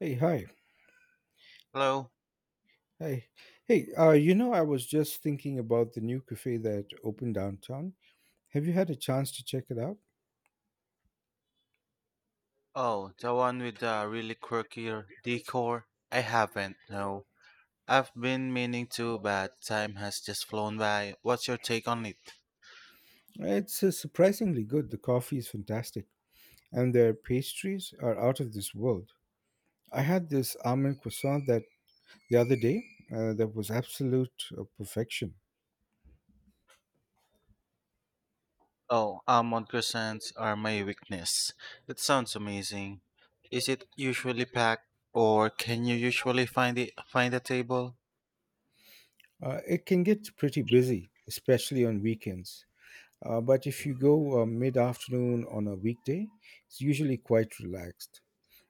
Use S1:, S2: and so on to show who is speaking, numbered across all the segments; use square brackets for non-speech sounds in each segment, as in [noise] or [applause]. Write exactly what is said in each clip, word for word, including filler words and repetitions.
S1: Hey, hi.
S2: Hello?
S1: Hi. Hey, uh, you know, I was just thinking about the new cafe that opened downtown. Have you had a chance to check it out?
S2: Oh, the one with the really quirky decor? I haven't, no. I've been meaning to, but time has just flown by. What's your take on it?
S1: It's uh, surprisingly good. The coffee is fantastic, and their pastries are out of this world. I had this almond croissant that the other day uh, that was absolute uh, perfection.
S2: Oh, almond croissants are my weakness. That sounds amazing. Is it usually packed, or can you usually find it find a table?
S1: Uh, it can get pretty busy, especially on weekends. Uh, but if you go uh, mid afternoon on a weekday, it's usually quite relaxed.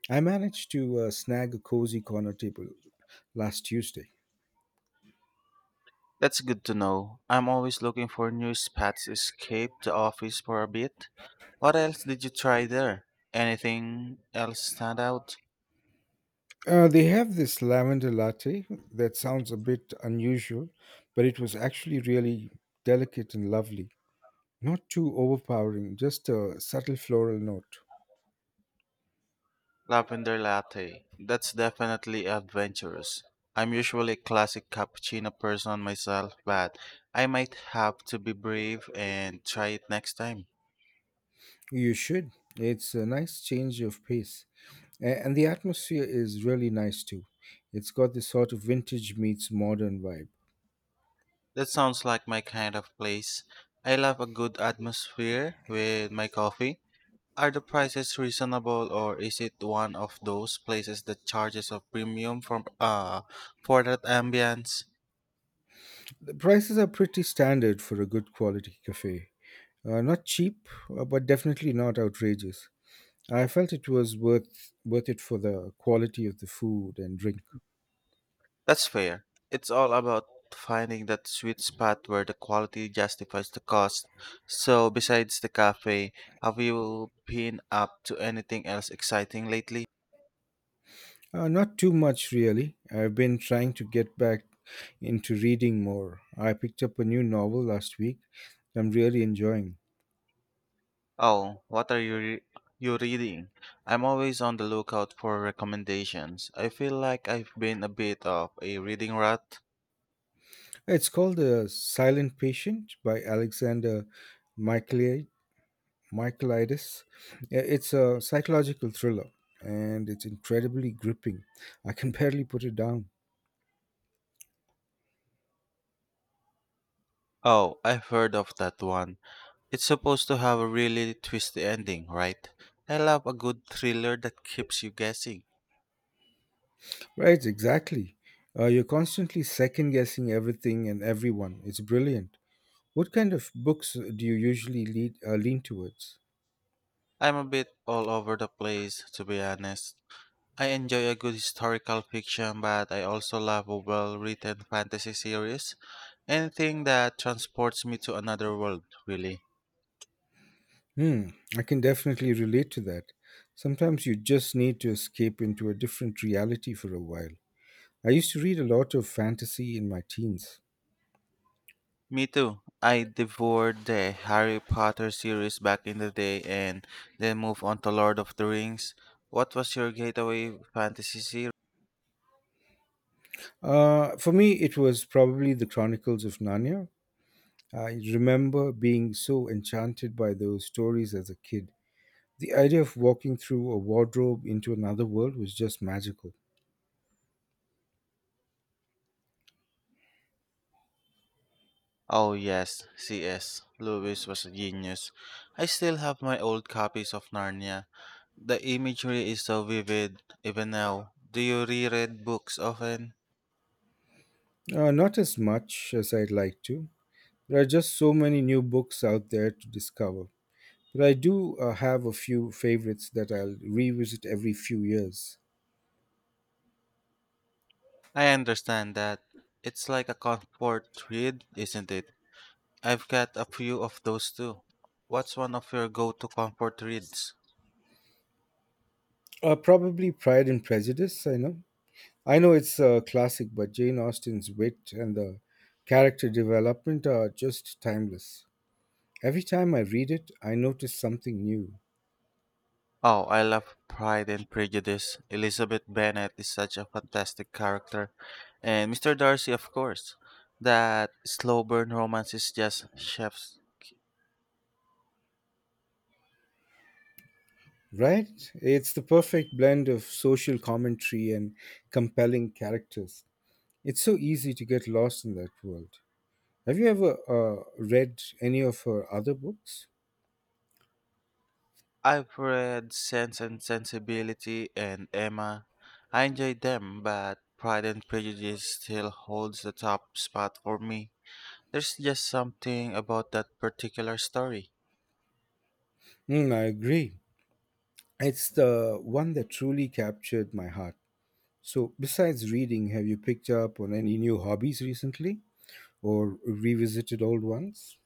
S1: I managed to uh, snag a cozy corner table last Tuesday.
S2: That's good to know. I'm always looking for new spots to escape the office for a bit. What else did you try there? Anything else stand out?
S1: Uh, they have this lavender latte that sounds a bit unusual, but it was actually really delicate and lovely. Not too overpowering, just a subtle floral note.
S2: Lavender latte. That's definitely adventurous. I'm usually a classic cappuccino person myself, but I might have to be brave and try it next time.
S1: You should. It's a nice change of pace. A- And the atmosphere is really nice too. It's got this sort of vintage meets modern vibe.
S2: That sounds like my kind of place. I love a good atmosphere with my coffee. Are the prices reasonable, or is it one of those places that charges a premium for uh for that ambience?
S1: The prices are pretty standard for a good quality cafe. Uh, not cheap, uh, but definitely not outrageous. I felt it was worth worth it for the quality of the food and drink.
S2: That's fair. It's all about finding that sweet spot where the quality justifies the cost. So, besides the cafe, have you been up to anything else exciting lately?
S1: Uh, not too much really. I've been trying to get back into reading more. I picked up a new novel last week that I'm really enjoying.
S2: Oh, what are you re- you reading? I'm always on the lookout for recommendations. I feel like I've been a bit of a reading rut.
S1: It's called The Silent Patient by Alexander Michaeli- Michaelides. Uh, It's a psychological thriller, and it's incredibly gripping. I can [laughs] barely put it down.
S2: Oh, I've heard of that one. It's supposed to have a really twisty ending, right? I love a good thriller that keeps you guessing.
S1: Right, exactly. Uh, you're constantly second guessing everything and everyone. It's brilliant. What kind of books do you usually lead, uh, lean towards?
S2: I'm a bit all over the place, to be honest. I enjoy a good historical fiction, but I also love a well written fantasy series. Anything that transports me to another world, really.
S1: Hmm, I can definitely relate to that. Sometimes you just need to escape into a different reality for a while. I used to read a lot of fantasy in my teens.
S2: Me too. I devoured the Harry Potter series back in the day and then moved on to Lord of the Rings. What was your gateway fantasy series?
S1: Uh, for me, it was probably the Chronicles of Narnia. I remember being so enchanted by those stories as a kid. The idea of walking through a wardrobe into another world was just magical.
S2: Oh yes, C S. Lewis was a genius. I still have my old copies of Narnia. The imagery is so vivid, even now. Do you reread books often?
S1: Uh, not as much as I'd like to. There are just so many new books out there to discover. But I do uh, have a few favorites that I'll revisit every few years.
S2: I understand that. It's like a comfort read, isn't it? I've got a few of those too. What's one of your go to comfort reads?
S1: Uh, probably Pride and Prejudice, I know. I know it's a classic, but Jane Austen's wit and the character development are just timeless. Every time I read it, I notice something new.
S2: Oh, I love Pride and Prejudice. Elizabeth Bennet is such a fantastic character. And mister Darcy, of course. That slow burn romance is just chefs.
S1: Right? It's the perfect blend of social commentary and compelling characters. It's so easy to get lost in that world. Have you ever uh, read any of her other books?
S2: I've read Sense and Sensibility and Emma. I enjoyed them, but Pride and Prejudice still holds the top spot for me. There's just something about that particular story.
S1: Mm, I agree. It's the one that truly captured my heart. So, besides reading, have you picked up on any new hobbies recently or revisited old ones?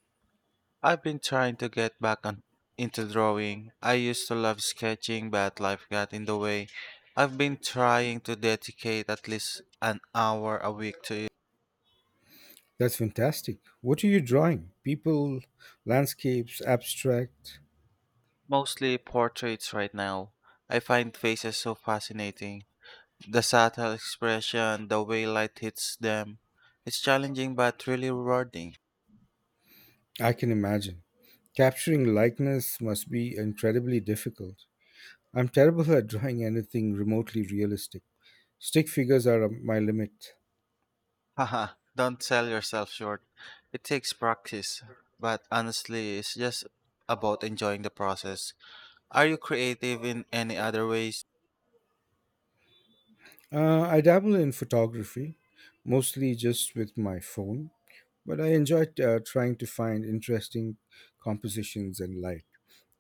S2: I've been trying to get back on, into drawing. I used to love sketching, but life got in the way. I've been trying to dedicate at least an hour a week to it.
S1: That's fantastic. What are you drawing? People, landscapes, abstract?
S2: Mostly portraits right now. I find faces so fascinating. The subtle expression, the way light hits them. It's challenging but really rewarding.
S1: I can imagine. Capturing likeness must be incredibly difficult. I'm terrible at drawing anything remotely realistic. Stick figures are um, my limit.
S2: [laughs] Haha, don't sell yourself short. It takes practice, but honestly, it's just about enjoying the process. Are you creative in any other ways?
S1: Uh, I dabble in photography, mostly just with my phone, but I enjoy uh, trying to find interesting compositions and light.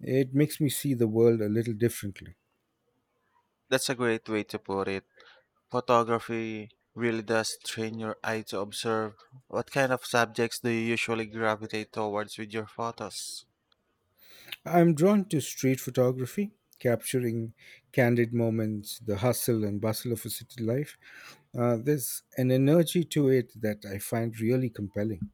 S1: It makes me see the world a little differently.
S2: That's a great way to put it. Photography really does train your eye to observe. What kind of subjects do you usually gravitate towards with your photos?
S1: I'm drawn to street photography, capturing candid moments, the hustle and bustle of a city life. Uh, there's an energy to it that I find really compelling.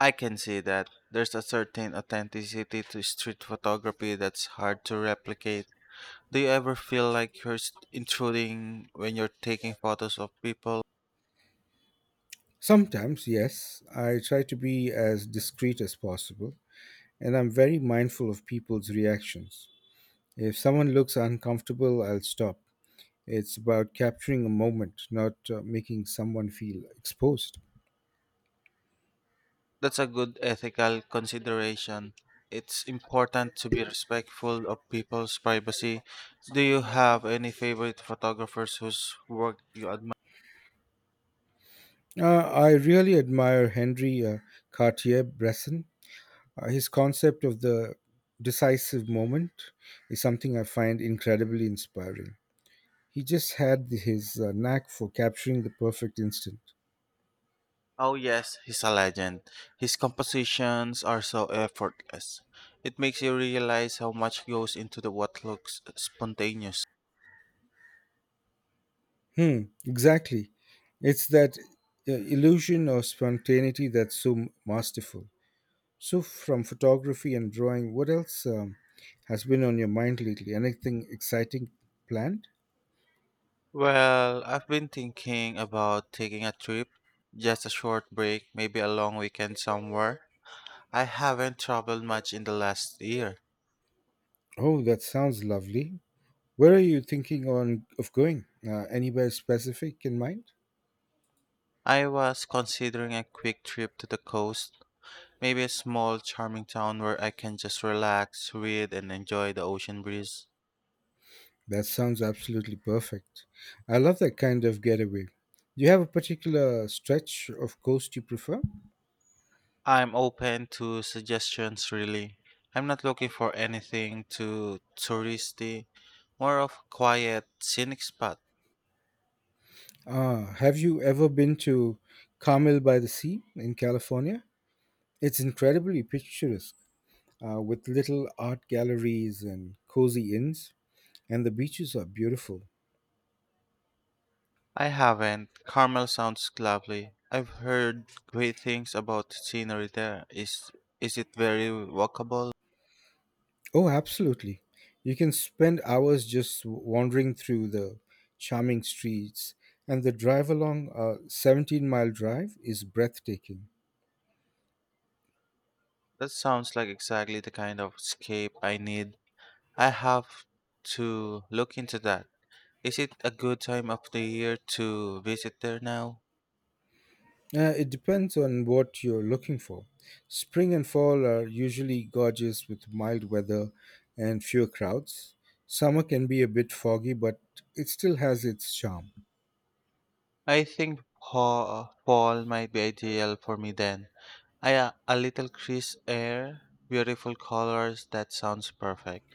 S2: I can see that. There's a certain authenticity to street photography that's hard to replicate. Do you ever feel like you're s- intruding when you're taking photos of people?
S1: Sometimes, yes, I try to be as discreet as possible, and I'm very mindful of people's reactions. If someone looks uncomfortable, I'll stop. It's about capturing a moment, not uh, making someone feel exposed.
S2: That's a good ethical consideration. It's important to be respectful of people's privacy. Do you have any favorite photographers whose work you admire?
S1: Uh, I really admire Henry uh, Cartier Bresson. Uh, his concept of the decisive moment is something I find incredibly inspiring. He just had his uh, knack for capturing the perfect instant.
S2: Oh, yes, he's a legend. His compositions are so effortless. It makes you realize how much goes into the what looks spontaneous.
S1: Hmm, exactly. It's that uh, illusion of spontaneity that's so m- masterful. So, from photography and drawing, what else um, has been on your mind lately? Anything exciting planned?
S2: Well, I've been thinking about taking a trip, just a short break, maybe a long weekend somewhere. I haven't traveled much in the last year.
S1: Oh, that sounds lovely. Where are you thinking on of going? Uh, anywhere specific in mind?
S2: I was considering a quick trip to the coast, maybe a small, charming town where I can just relax, read, and enjoy the ocean breeze.
S1: That sounds absolutely perfect. I love that kind of getaway. Do you have a particular stretch of coast you prefer?
S2: I'm open to suggestions, really. I'm not looking for anything too touristy, more of a quiet, scenic spot.
S1: Ah, have you ever been to Carmel by the Sea in California? It's incredibly picturesque, uh, with little art galleries and cozy inns, and the beaches are beautiful.
S2: I haven't. Carmel sounds lovely. I've heard great things about scenery there. Is is it very walkable?
S1: Oh, absolutely. You can spend hours just wandering through the charming streets, and the drive along a seventeen mile drive is breathtaking.
S2: That sounds like exactly the kind of escape I need. I have to look into that. Is it a good time of the year to visit there now?
S1: Uh, it depends on what you're looking for. Spring and fall are usually gorgeous with mild weather and fewer crowds. Summer can be a bit foggy, but it still has its charm.
S2: I think fa- fall might be ideal for me then. I a a little crisp air, beautiful colors, that sounds perfect.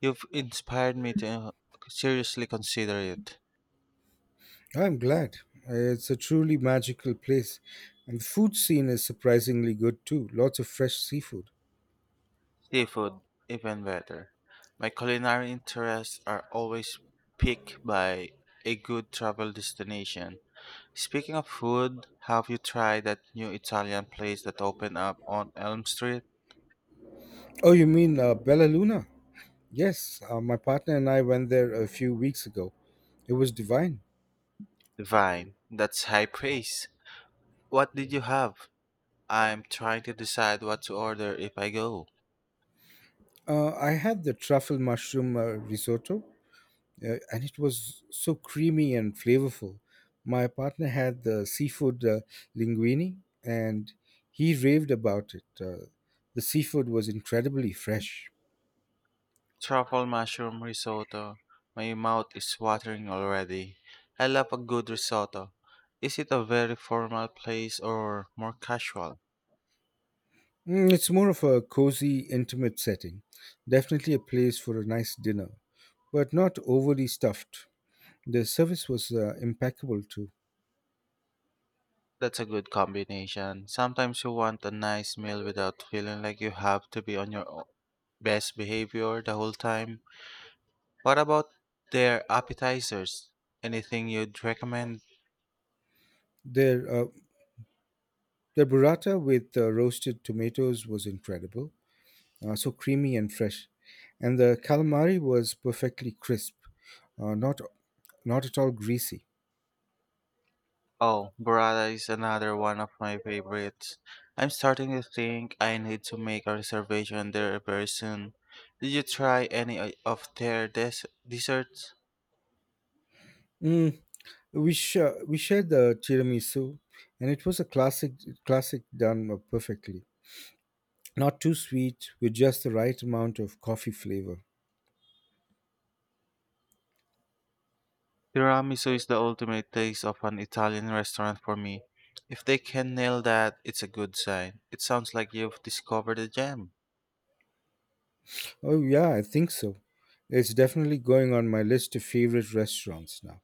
S2: You've inspired me to uh, seriously consider it.
S1: I'm glad. It's a truly magical place. And the food scene is surprisingly good too. Lots of fresh seafood.
S2: Seafood, even better. My culinary interests are always piqued by a good travel destination. Speaking of food, have you tried that new Italian place that opened up on Elm Street?
S1: Oh, you mean uh, Bella Luna? Yes, uh, my partner and I went there a few weeks ago. It was divine.
S2: Divine. That's high praise. What did you have? I'm trying to decide what to order if I go.
S1: Uh, I had the truffle mushroom uh, risotto uh, and it was so creamy and flavorful. My partner had the seafood uh, linguine, and he raved about it. Uh, the seafood was incredibly fresh.
S2: Truffle mushroom risotto. My mouth is watering already. I love a good risotto. Is it a very formal place or more casual?
S1: Mm, it's more of a cozy, intimate setting. Definitely a place for a nice dinner, but not overly stuffed. The service was uh, impeccable too.
S2: That's a good combination. Sometimes you want a nice meal without feeling like you have to be on your o- best behavior the whole time. What about their appetizers? Anything you'd recommend?
S1: Their uh, their burrata with uh, roasted tomatoes was incredible, uh, so creamy and fresh. And the calamari was perfectly crisp, uh, not not at all greasy.
S2: Oh, burrata is another one of my favorites. I'm starting to think I need to make a reservation there very soon. Did you try any o- of their des- desserts?
S1: Mm, we sh- uh, we shared the tiramisu, and it was a classic classic done uh, perfectly. Not too sweet, with just the right amount of coffee flavor.
S2: Tiramisu is the ultimate taste of an Italian restaurant for me. If they can nail that, it's a good sign. It sounds like you've discovered a gem.
S1: Oh yeah, I think so. It's definitely going on my list of favorite restaurants now.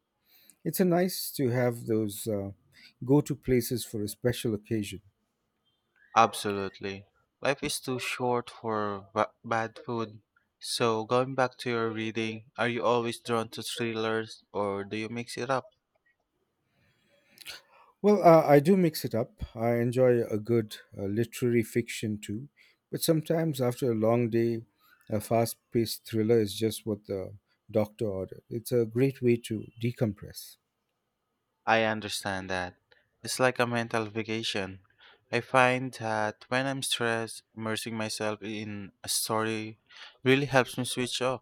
S1: It's a nice to have those uh, go-to places for a special occasion.
S2: Absolutely. Life is too short for ba- bad food. So, going back to your reading, are you always drawn to thrillers or do you mix it up?
S1: Well, uh, I do mix it up. I enjoy a good uh, literary fiction too, but sometimes after a long day, a fast paced thriller is just what the doctor ordered. It's a great way to decompress.
S2: I understand that. It's like a mental vacation. I find that when I'm stressed, immersing myself in a story really helps me switch off.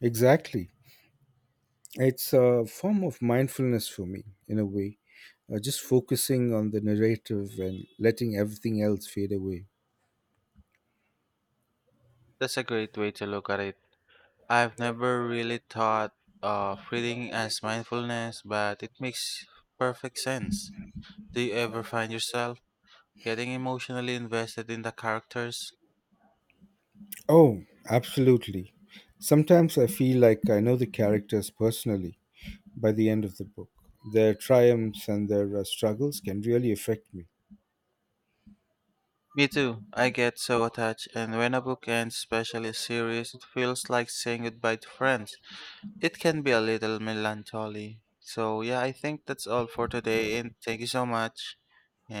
S1: Exactly. It's a form of mindfulness for me, in a way, uh, just focusing on the narrative and letting everything else fade away.
S2: That's a great way to look at it. I've never really thought of reading as mindfulness, but it makes perfect sense. Do you ever find yourself? getting emotionally invested in the characters.
S1: Oh, absolutely. Sometimes I feel like I know the characters personally, by the end of the book. Their triumphs and their uh, struggles can really affect me.
S2: Me too. I get so attached, and when a book ends, especially a series, it feels like saying goodbye to friends. It can be a little melancholy. So, yeah, I think that's all for today, and thank you so much,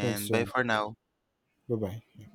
S1: Thanks,
S2: bye
S1: John.
S2: for now.
S1: Bye bye.